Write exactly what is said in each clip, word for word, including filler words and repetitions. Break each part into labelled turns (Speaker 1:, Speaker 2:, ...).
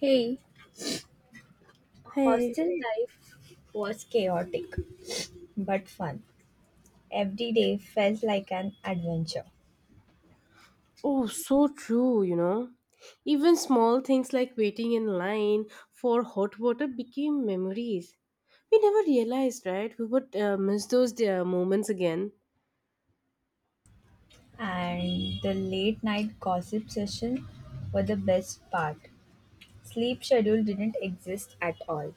Speaker 1: Hey,
Speaker 2: Hey,
Speaker 1: hostel life was chaotic but fun. Every day felt like an adventure,
Speaker 2: oh, so true, you know. Even small things like waiting in line for hot water became memories. We never realized, right? We would uh, miss those uh, moments again.
Speaker 1: and the late night gossip session were the best part. Sleep schedule didn't exist at all.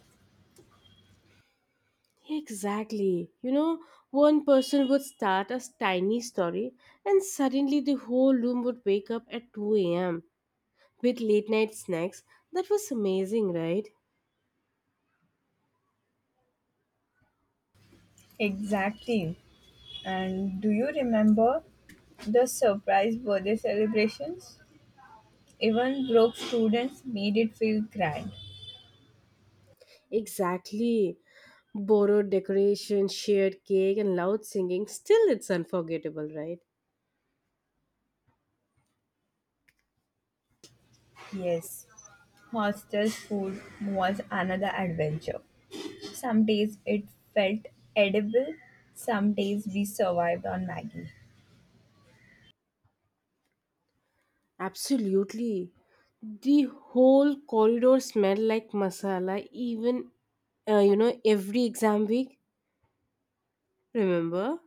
Speaker 2: Exactly. You know, one person would start a tiny story, and suddenly the whole room would wake up at two a m with late night snacks. That was amazing, right?
Speaker 1: Exactly. And do you remember the surprise birthday celebrations? Even broke students made it feel grand.
Speaker 2: Exactly. Borrowed decoration, shared cake, and loud singing, still it's unforgettable, right?
Speaker 1: Yes, hostel food was another adventure. Some days it felt edible, some days we survived on Maggie.
Speaker 2: Absolutely. The whole corridor smelled like masala, even, uh, you know, every exam week. Remember?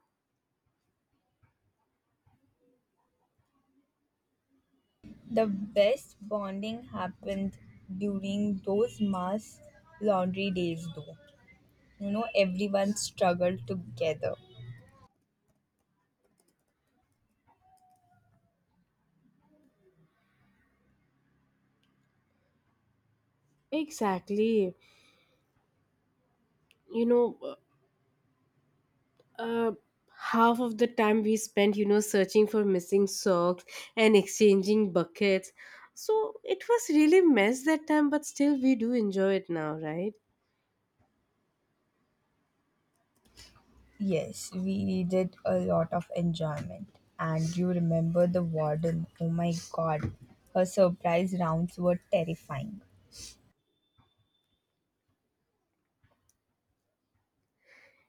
Speaker 1: The best bonding happened during those mass laundry days, though. You know, everyone struggled together.
Speaker 2: Exactly. You know, uh, uh, Half of the time we spent, you know, searching for missing socks and exchanging buckets. So it was really mess that time, but still we do enjoy it now, right?
Speaker 1: Yes, we did a lot of enjoyment. And you remember the warden? Oh my god, her surprise rounds were terrifying.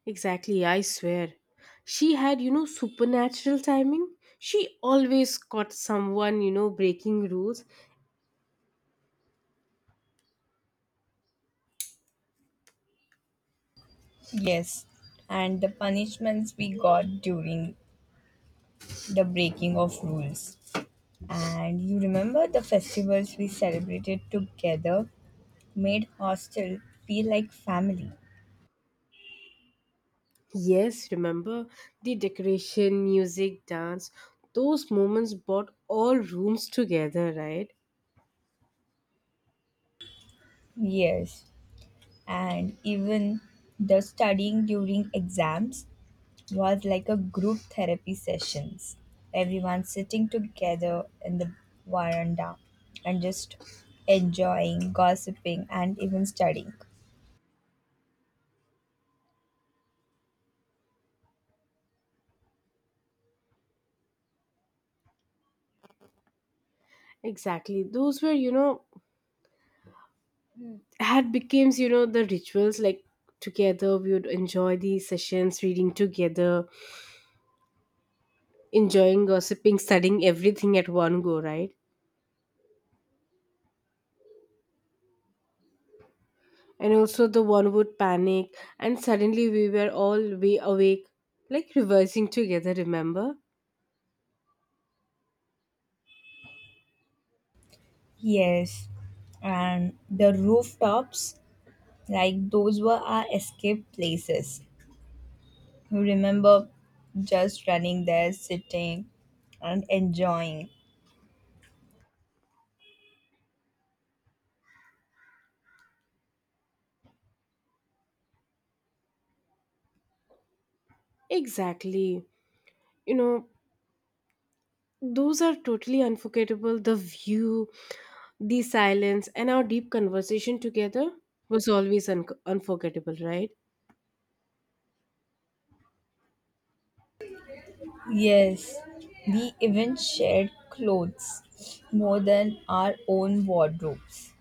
Speaker 2: Exactly, I swear. She had, you know, supernatural timing. She always caught someone, you know, breaking rules.
Speaker 1: Yes, and the punishments we got during the breaking of rules. And you remember the festivals we celebrated together made hostel feel like family.
Speaker 2: Yes, remember the decoration, music, dance. Those moments brought all rooms together, right?
Speaker 1: Yes. And even the studying during exams was like a group therapy sessions. Everyone sitting together in the veranda and just enjoying, gossiping, and even studying.
Speaker 2: Exactly. Those were, you know, had becomes, you know, the rituals like together we would enjoy the sessions reading together, enjoying, gossiping, studying everything at one go, right? And also the one would panic and suddenly we were all way awake, like reversing together, remember?
Speaker 1: Yes, and the rooftops, like those were our escape places. I remember just running there, sitting and enjoying.
Speaker 2: Exactly, you know, those are totally unforgettable. The view, the silence, and our deep conversation together was always un- unforgettable, right?
Speaker 1: Yes, we even shared clothes more than our own wardrobes.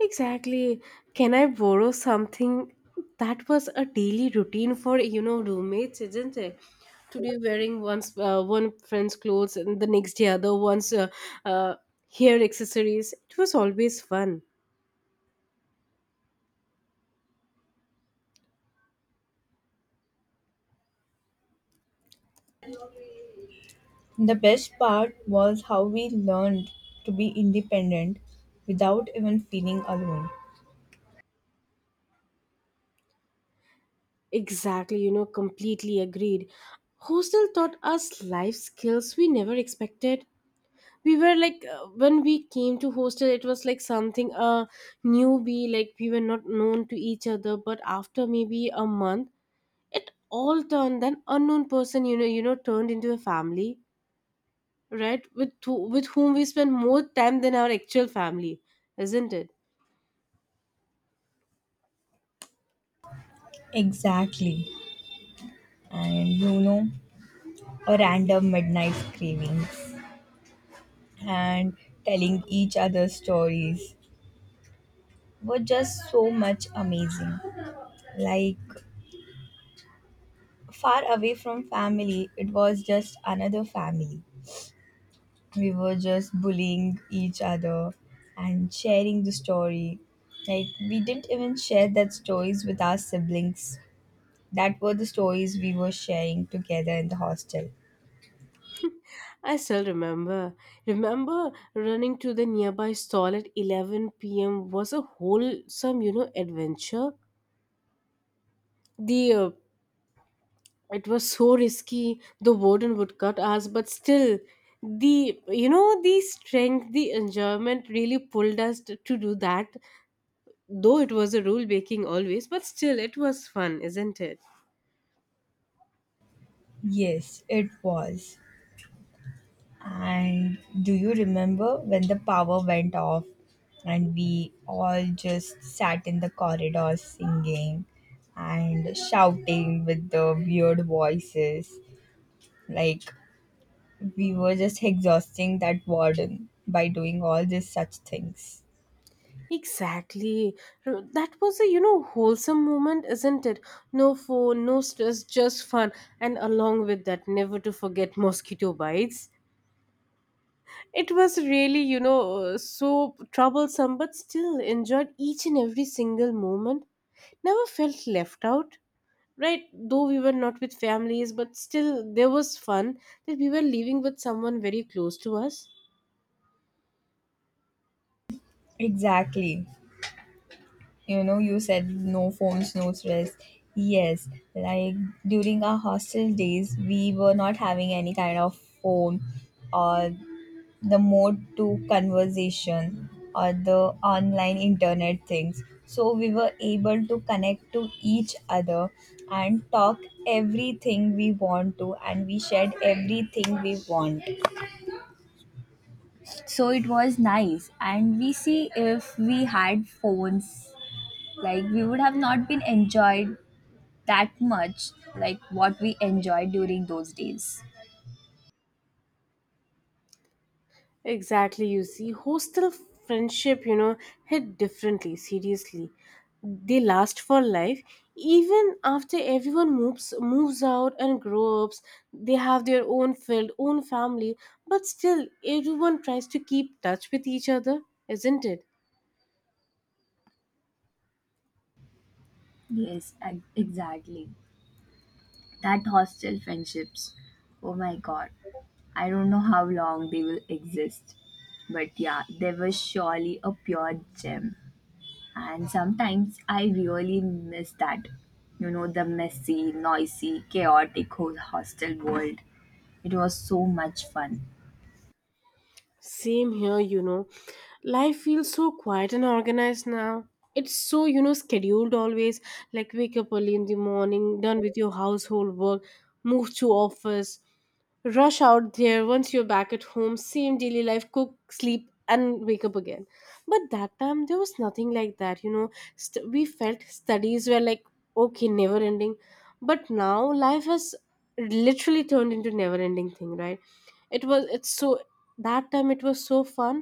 Speaker 2: Exactly. Can I borrow something? That was a daily routine for, you know, roommates, isn't it? Today wearing one's uh, one friend's clothes, and the next day other one's uh, uh, hair accessories. It was always fun.
Speaker 1: The best part was how we learned to be independent without even feeling alone.
Speaker 2: Exactly. You know, completely agreed. Hostel taught us life skills we never expected. We were like uh, when we came to hostel, it was like something a uh, newbie. Like we were not known to each other, but after maybe a month it all turned an unknown person, you know, you know, turned into a family, right? With who- with whom we spend more time than our actual family, isn't it?
Speaker 1: Exactly. And you know, a random midnight cravings and telling each other stories were just so much amazing. Like, far away from family, it was just another family. We were just bullying each other and sharing the story. Like, we didn't even share that stories with our siblings. That were the stories we were sharing together in the hostel.
Speaker 2: I still remember, remember running to the nearby stall at eleven p.m was a wholesome, you know, adventure. The uh, It was so risky the warden would cut us, but still the, you know, the strength, the enjoyment really pulled us to, to do that. Though it was a rule breaking always, but still it was fun, isn't it?
Speaker 1: Yes, it was. And do you remember when the power went off and we all just sat in the corridor singing and shouting with the weird voices? Like, we were just exhausting that warden by doing all these such things.
Speaker 2: Exactly. R- That was a, you know, wholesome moment, isn't it? No phone, no stress, just fun. And along with that, never to forget mosquito bites. It was really, you know, uh, so troublesome, but still enjoyed each and every single moment. Never felt left out, right? Though we were not with families, but still there was fun that we were living with someone very close to us.
Speaker 1: Exactly. You know, you said no phones, no stress. Yes, like during our hostel days, we were not having any kind of phone or the mode to conversation or the online internet things. So we were able to connect to each other and talk everything we want to, and we shared everything we want. So it was nice and we see if we had phones, like we would have not been enjoyed that much like what we enjoyed during those days.
Speaker 2: Exactly, you see, hostel friendship, you know, hit differently, seriously. They last for life. Even after everyone moves moves out and grows ups, they have their own field, own family, but still everyone tries to keep touch with each other, isn't it?
Speaker 1: Yes, ex- exactly, that hostel friendships, oh my god, I don't know how long they will exist, but yeah, they were surely a pure gem. And sometimes I really miss that. You know, the messy, noisy, chaotic whole hostel world. It was so much fun.
Speaker 2: Same here, you know. Life feels so quiet and organized now. It's so, you know, scheduled always. Like wake up early in the morning, done with your household work, move to office, rush out there once you're back at home, same daily life, cook, sleep, and wake up again. But that time there was nothing like that, you know. St- we felt studies were like okay, never ending, but now life has literally turned into never ending thing, right? It was it's so, that time it was so fun.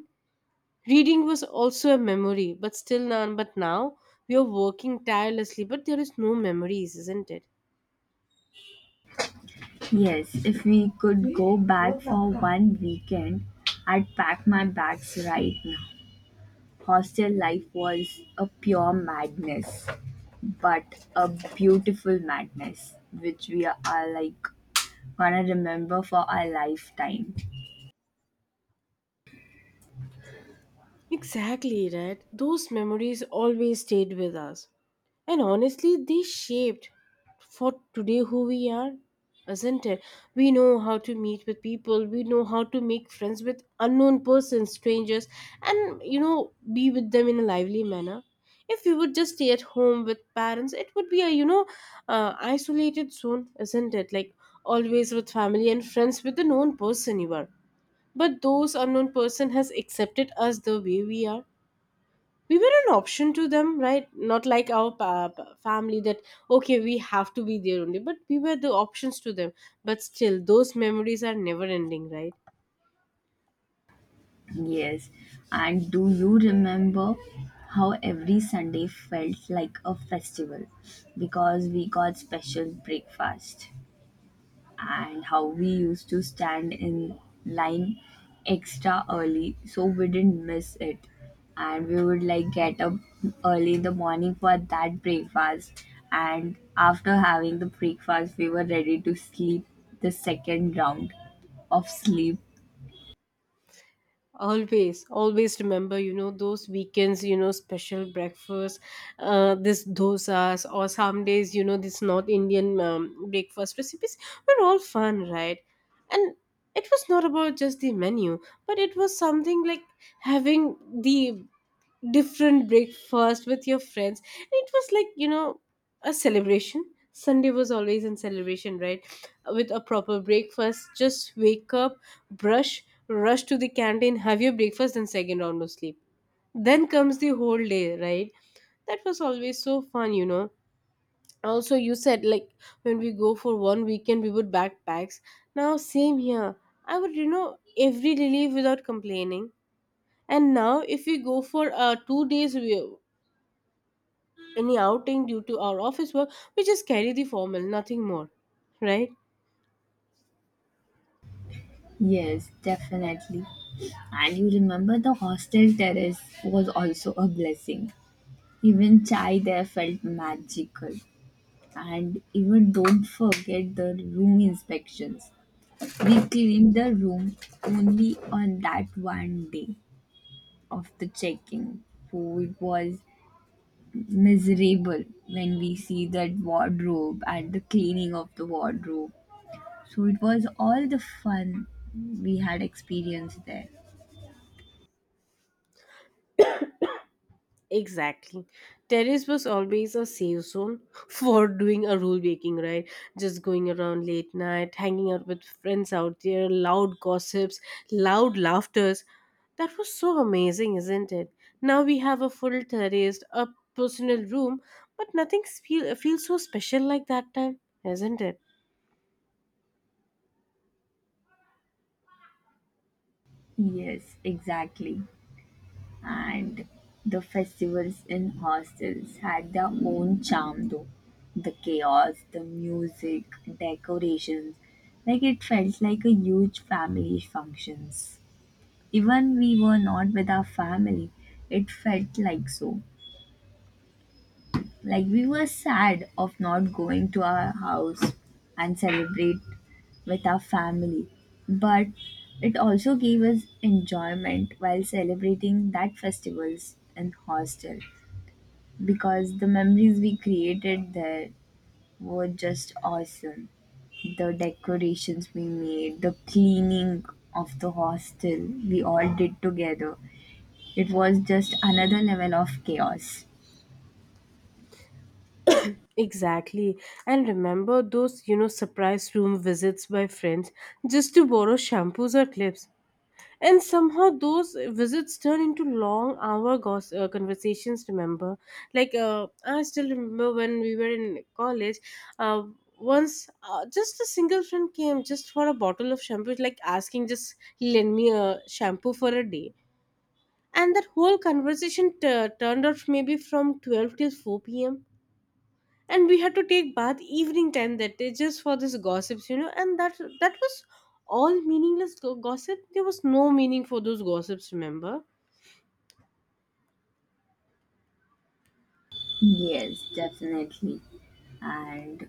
Speaker 2: Reading was also a memory but still none, but now we are working tirelessly but there is no memories, isn't it?
Speaker 1: Yes, if we could go back for one weekend, I'd pack my bags right now. Hostel life was a pure madness, but a beautiful madness, which we are like gonna remember for our lifetime.
Speaker 2: Exactly, right? Those memories always stayed with us. And honestly, they shaped for today who we are, isn't it? We know how to meet with people, we know how to make friends with unknown persons, strangers, and you know, be with them in a lively manner. If we would just stay at home with parents, it would be a, you know, uh, isolated zone, isn't it? Like always with family and friends with the known person you are, but those unknown person has accepted us the way we are. We were an option to them, right? Not like our pa- pa- family that okay, we have to be there only, but we were the options to them. But still, those memories are never ending, right?
Speaker 1: Yes, and do you remember how every Sunday felt like a festival because we got special breakfast, and how we used to stand in line extra early so we didn't miss it, and we would like get up early in the morning for that breakfast, and after having the breakfast we were ready to sleep the second round of sleep.
Speaker 2: Always, always remember, you know, those weekends, you know, special breakfast, uh this dosas or some days, you know, this north indian um, breakfast recipes were all fun, right? And it was not about just the menu, but it was something like having the different breakfast with your friends. And it was like, you know, a celebration. Sunday was always in celebration, right? With a proper breakfast. Just wake up, brush, rush to the canteen, have your breakfast, and second round of sleep. Then comes the whole day, right? That was always so fun, you know. Also, you said like when we go for one weekend, we would backpacks. Now, same here. I would, you know, every relief without complaining. And now, if we go for uh, two days, we, any outing due to our office work, we just carry the formal, nothing more, right?
Speaker 1: Yes, definitely. And you remember the hostel terrace was also a blessing. Even chai there felt magical. And even don't forget the room inspections. We cleaned the room only on that one day of the checking. So it was miserable when we see that wardrobe and the cleaning of the wardrobe. So it was all the fun we had experienced there.
Speaker 2: Exactly. Terrace was always a safe zone for doing a rule breaking, right? Just going around late night, hanging out with friends out there, loud gossips, loud laughters. That was so amazing, isn't it? Now we have a full terrace, a personal room, but nothing feel, feels so special like that time, isn't it?
Speaker 1: Yes, exactly. And the festivals in hostels had their own charm though. The chaos, the music, decorations. Like it felt like a huge family functions. Even we were not with our family, it felt like so. Like we were sad of not going to our house and celebrate with our family, but it also gave us enjoyment while celebrating that festivals in hostel, because the memories we created there were just awesome. The decorations we made, the cleaning of the hostel we all did together, it was just another level of chaos.
Speaker 2: Exactly. And remember those, you know, surprise room visits by friends just to borrow shampoos or clips. And somehow those visits turn into long hour gos- uh, conversations, remember? Like, uh, I still remember when we were in college, uh, once uh, just a single friend came just for a bottle of shampoo, like asking, just lend me a shampoo for a day. And that whole conversation t- turned out maybe from twelve till four p.m, and we had to take bath evening time that day just for this gossips, you know, and that that was all meaningless go- gossip. There was no meaning for those gossips, remember?
Speaker 1: Yes, definitely. And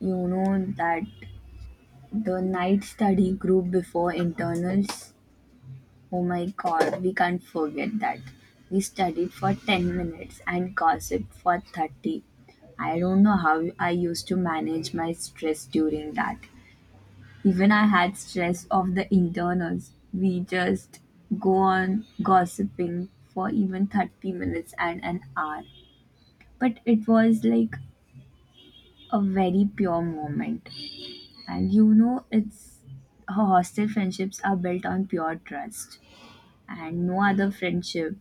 Speaker 1: you know that the night study group before internals, oh my god, we can't forget that. We studied for ten minutes and gossiped for thirty. I don't know how I used to manage my stress during that. Even I had stress of the internals. We just go on gossiping for even thirty minutes and an hour. But it was like a very pure moment. And you know, it's her hostel friendships are built on pure trust, and no other friendship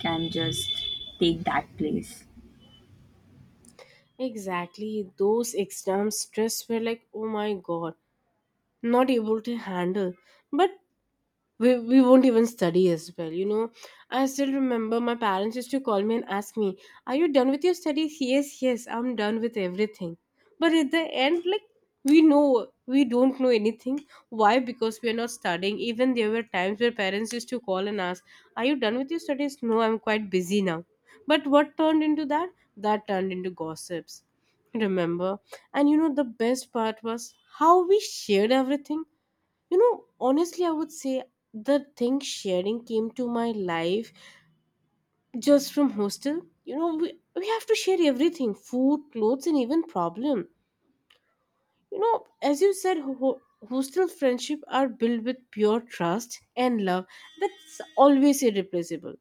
Speaker 1: can just take that place.
Speaker 2: Exactly, those exam stress were like, oh my god. Not able to handle, but we, we won't even study as well, you know. I still remember my parents used to call me and ask me, are you done with your studies? Yes, yes, I'm done with everything. But at the end, like, we know we don't know anything. Why? Because we are not studying. Even there were times where parents used to call and ask, are you done with your studies? No, I'm quite busy now. But what turned into that, that turned into gossips, remember? And you know, the best part was how we shared everything. You know, honestly, I would say the thing sharing came to my life just from hostel. You know, we, we have to share everything, food, clothes, and even problem. You know, as you said, ho- hostel friendship are built with pure trust and love, that's always irreplaceable.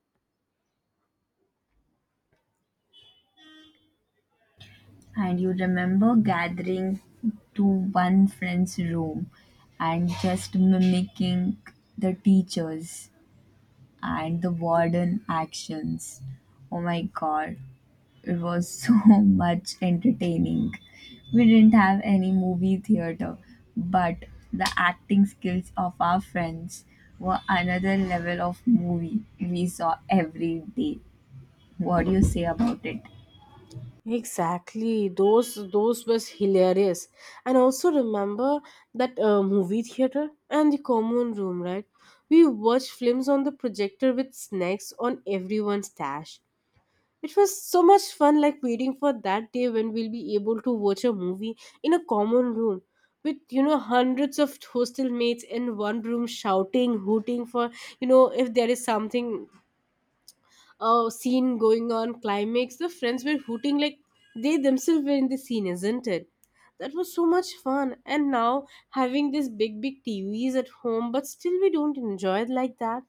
Speaker 1: And you remember gathering to one friend's room and just mimicking the teachers and the warden actions. Oh my god, it was so much entertaining. We didn't have any movie theater, but the acting skills of our friends were another level of movie we saw every day. What do you say about it?
Speaker 2: Exactly, those those was hilarious, and also remember that uh, movie theater and the common room, right? We watched films on the projector with snacks on everyone's dash. It was so much fun, like waiting for that day when we'll be able to watch a movie in a common room with, you know, hundreds of hostel mates in one room shouting, hooting for, you know, if there is something uh, scene going on, climax. The friends were hooting like they themselves were in the scene, isn't it? That was so much fun. And now having these big, big T Vs at home, but still we don't enjoy it like that.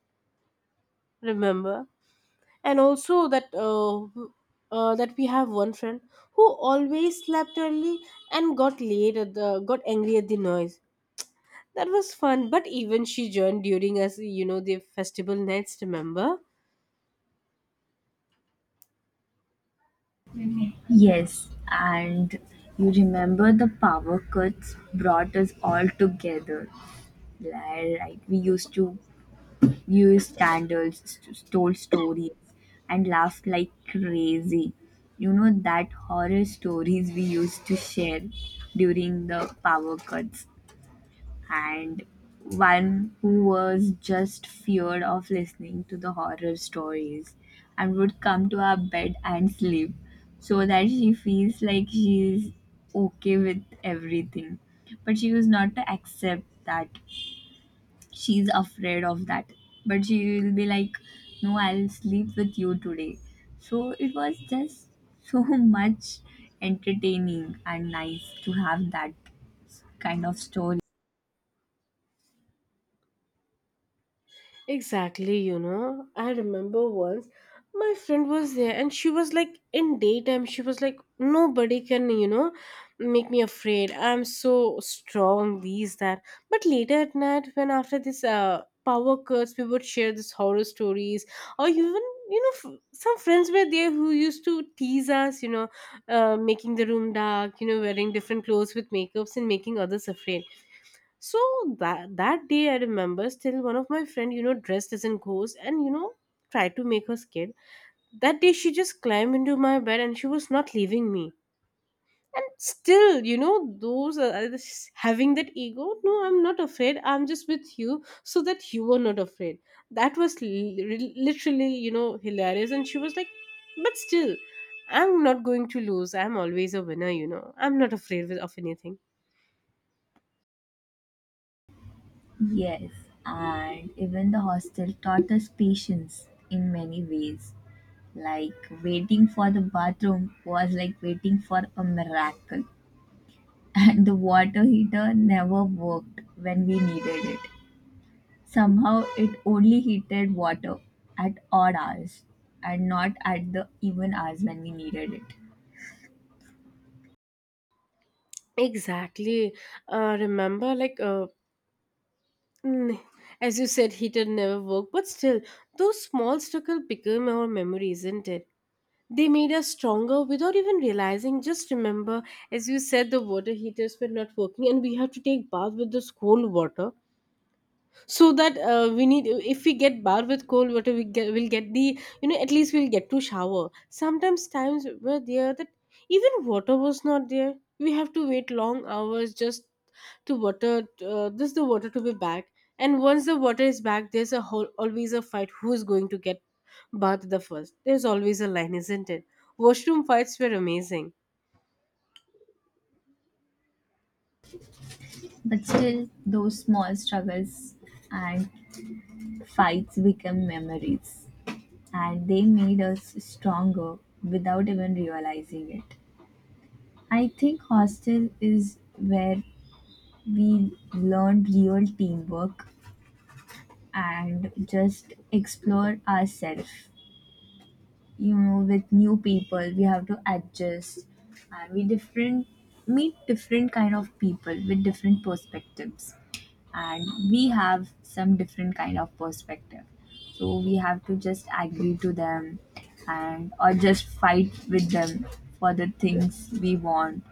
Speaker 2: Remember? And also that uh, uh, that we have one friend who always slept early and got late at the got angry at the noise. That was fun, but even she joined during us, you know, the festival nights. Remember?
Speaker 1: Yes, and you remember the power cuts brought us all together. Like like we used to news scandals, st- stole stories, and laughed like crazy. You know that horror stories we used to share during the power cuts, and one who was just feared of listening to the horror stories and would come to our bed and sleep so that she feels like she's okay with everything. But she was not to accept that she's afraid of that, but she will be like, no, I'll sleep with you today. So it was just so much entertaining and nice to have that kind of story.
Speaker 2: Exactly, you know. I remember once my friend was there and she was like in daytime she was like nobody can, you know, make me afraid. I'm so strong these that. But later at night when after this uh power cuts we would share this horror stories, or even, you know, f- some friends were there who used to tease us, you know, uh, making the room dark, you know, wearing different clothes with makeups and making others afraid. So that that day I remember still one of my friend, you know, dressed as a ghost and you know, tried to make her scared. That day she just climbed into my bed and she was not leaving me. And still, you know, those are having that ego. No, I'm not afraid. I'm just with you so that you are not afraid. That was li- literally, you know, hilarious. And she was like, but still, I'm not going to lose. I'm always a winner, you know. I'm not afraid of anything.
Speaker 1: Yes, and even the hostel taught us patience in many ways, like waiting for the bathroom was like waiting for a miracle, and the water heater never worked when we needed it. Somehow it only heated water at odd hours and not at the even hours when we needed it.
Speaker 2: Exactly. Uh, remember, like, uh, Mm, as you said, heater never worked, but still, those small struggles became our memory, isn't it? They made us stronger without even realizing. Just remember, as you said, the water heaters were not working, and we had to take bath with this cold water so that uh, we need if we get bar with cold water we get we'll get the you know at least we'll get to shower. Sometimes times were there that even water was not there, we have to wait long hours just to water uh, this the water to be back. And once the water is back, there's a whole always a fight who's going to get bath the first. There's always a line, isn't it? Washroom fights were amazing.
Speaker 1: But still, those small struggles and fights become memories, and they made us stronger without even realizing it. I think hostel is where we learn real teamwork and just explore ourselves, you know with new people we have to adjust, and we different, meet different kind of people with different perspectives, and we have some different kind of perspective, so we have to just agree to them and or just fight with them for the things we want.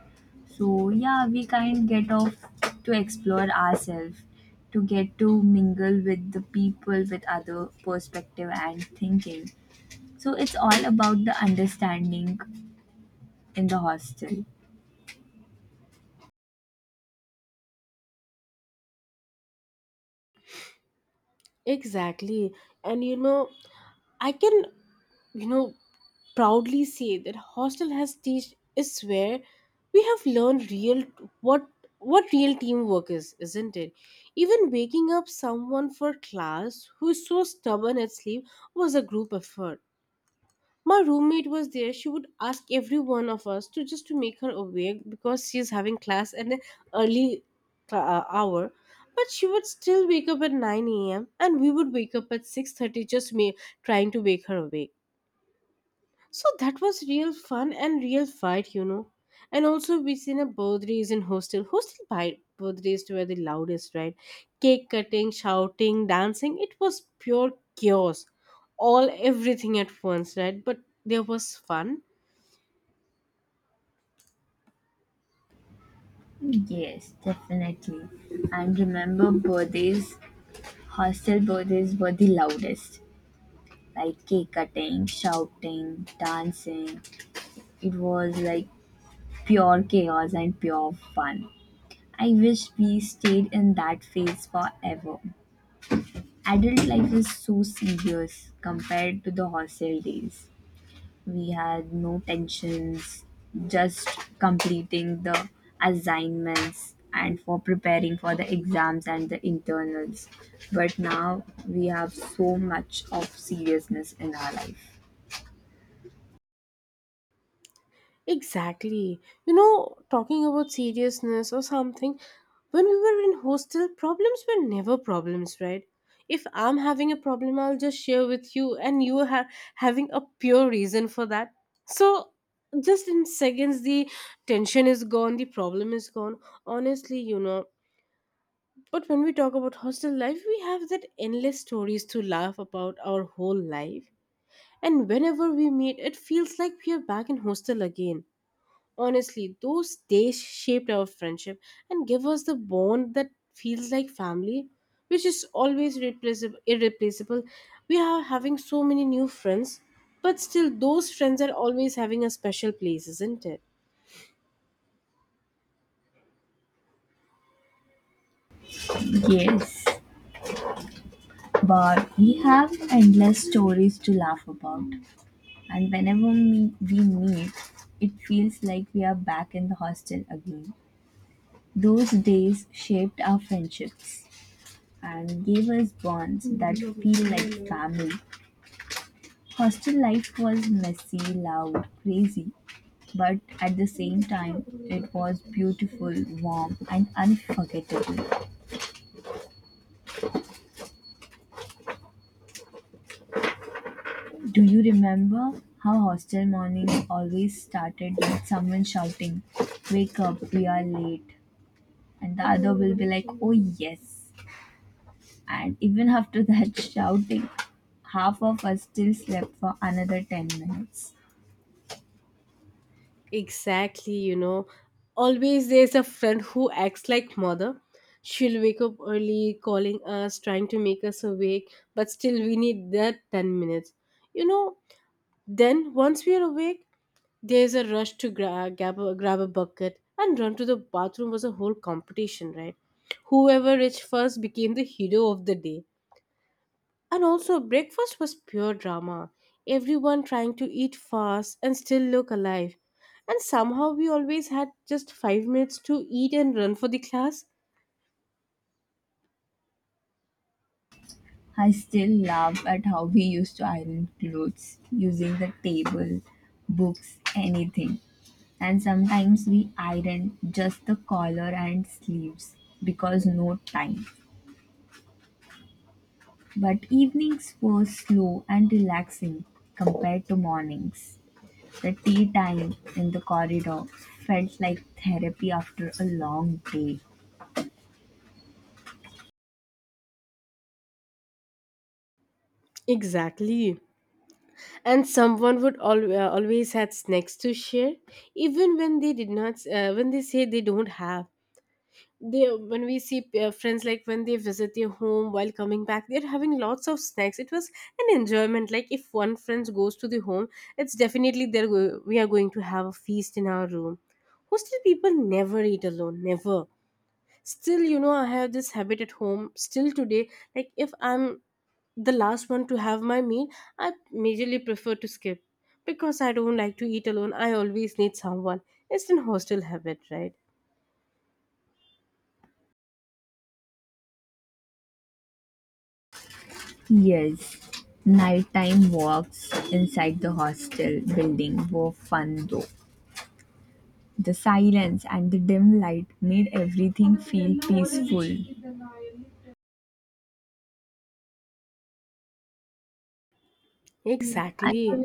Speaker 1: So yeah, we kind get off to explore ourselves, to get to mingle with the people with other perspective and thinking, so it's all about the understanding in the hostel.
Speaker 2: Exactly. And you know, I can, you know, proudly say that hostel has teach is where we have learned real what what real teamwork is, isn't it? Even waking up someone for class who is so stubborn at sleep was a group effort. My roommate was there, she would ask every one of us to just to make her awake because she's having class at an early cla- uh, hour. But she would still wake up at nine a m a.m and we would wake up at six thirty, just me trying to wake her awake. So that was real fun and real fight, you know. And also we seen a birthdays in hostel. Hostel bi- birthdays were the loudest, right? Cake cutting, shouting, dancing. It was pure chaos. All Everything at once, right? But there was fun.
Speaker 1: Yes, definitely. And remember, birthdays, hostel birthdays were the loudest. Like cake cutting, shouting, dancing. It was like pure chaos and pure fun. I wish we stayed in that phase forever. Adult life is so serious compared to the hostel days. We had no tensions, just completing the assignments and for preparing for the exams and the internals. But now we have so much of seriousness in our life.
Speaker 2: Exactly. You know, talking about seriousness or something, when we were in hostel, problems were never problems, right? If I'm having a problem, I'll just share with you, and you are ha- having a pure reason for that. So, just in seconds, the tension is gone, the problem is gone. Honestly, you know. But when we talk about hostel life, we have that endless stories to laugh about our whole life. And whenever we meet, it feels like we are back in hostel again. Honestly, those days shaped our friendship and give us the bond that feels like family, which is always replaceable, irreplaceable. We are having so many new friends, but still, those friends are always having a special place, isn't it?
Speaker 1: Yes, but we have endless stories to laugh about. And whenever we we meet, it feels like we are back in the hostel again. Those days shaped our friendships, and gave us bonds that feel like family. Hostel life was messy, loud, crazy, but at the same time, it was beautiful, warm, and unforgettable. Do you remember how hostel mornings always started with someone shouting, "Wake up, we are late"? And the other will be like, "Oh, yes." And even after that shouting, half of us still slept for another ten minutes.
Speaker 2: Exactly, you know. Always there's a friend who acts like mother. She'll wake up early, calling us, trying to make us awake, but still we need that ten minutes. You know, then once we are awake, there's a rush to gra- grab, a, grab a bucket and run to the bathroom was a whole competition, right? Whoever reached first became the hero of the day. And also, breakfast was pure drama. Everyone trying to eat fast and still look alive. And somehow we always had just five minutes to eat and run for the class.
Speaker 1: I still laugh at how we used to iron clothes using the table, books, anything. And sometimes we ironed just the collar and sleeves because no time. But evenings were slow and relaxing compared to mornings. The tea time in the corridor felt like therapy after a long day.
Speaker 2: Exactly. And someone would al- uh, always had snacks to share, even when they did not, uh, when they say they don't have. They when we see uh, friends, like when they visit their home, while coming back they're having lots of snacks. It was an enjoyment, like if one friend goes to the home, it's definitely there go- we are going to have a feast in our room. Hostel people never eat alone, never. Still, you know I have this habit at home still today, like if I'm the last one to have my meal, I majorly prefer to skip, because I don't like to eat alone, I always need someone. It's an hostel habit, right?
Speaker 1: Yes, nighttime walks inside the hostel building were fun though. The silence and the dim light made everything feel peaceful. I,
Speaker 2: Exactly.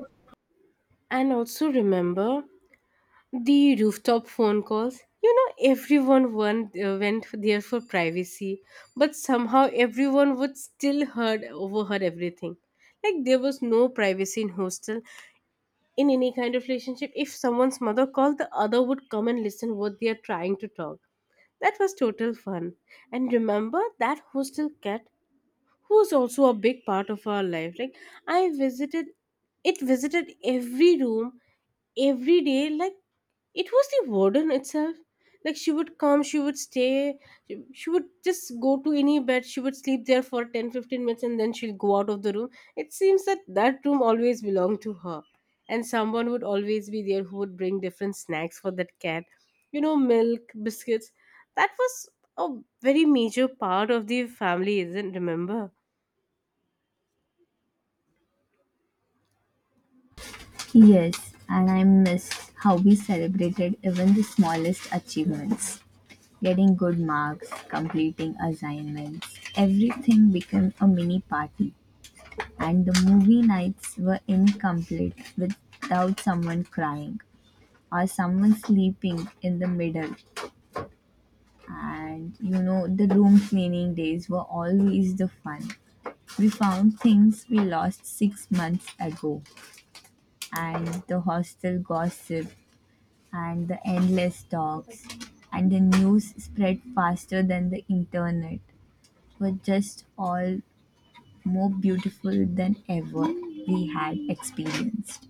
Speaker 2: And also remember the rooftop phone calls. You know, everyone went, uh, went there for privacy, but somehow everyone would still heard overheard everything. Like there was no privacy in hostel, in any kind of relationship. If someone's mother called, the other would come and listen what they are trying to talk. That was total fun. And remember that hostel cat who was also a big part of our life. Like I visited, it visited every room every day, like it was the warden itself. Like she would come, she would stay, she she would just go to any bed, she would sleep there for ten, fifteen minutes, and then she'll go out of the room. It seems that that room always belonged to her. And someone would always be there who would bring different snacks for that cat, you know milk biscuits. That was a very major part of the family, isn't remember.
Speaker 1: yes, and I missed how we celebrated even the smallest achievements. Getting good marks, completing assignments, everything became a mini party. And the movie nights were incomplete without someone crying or someone sleeping in the middle. And you know, the room cleaning days were always the fun. We found things we lost six months ago, and the hostel gossip, and the endless talks, and the news spread faster than the internet were just all more beautiful than ever we had experienced.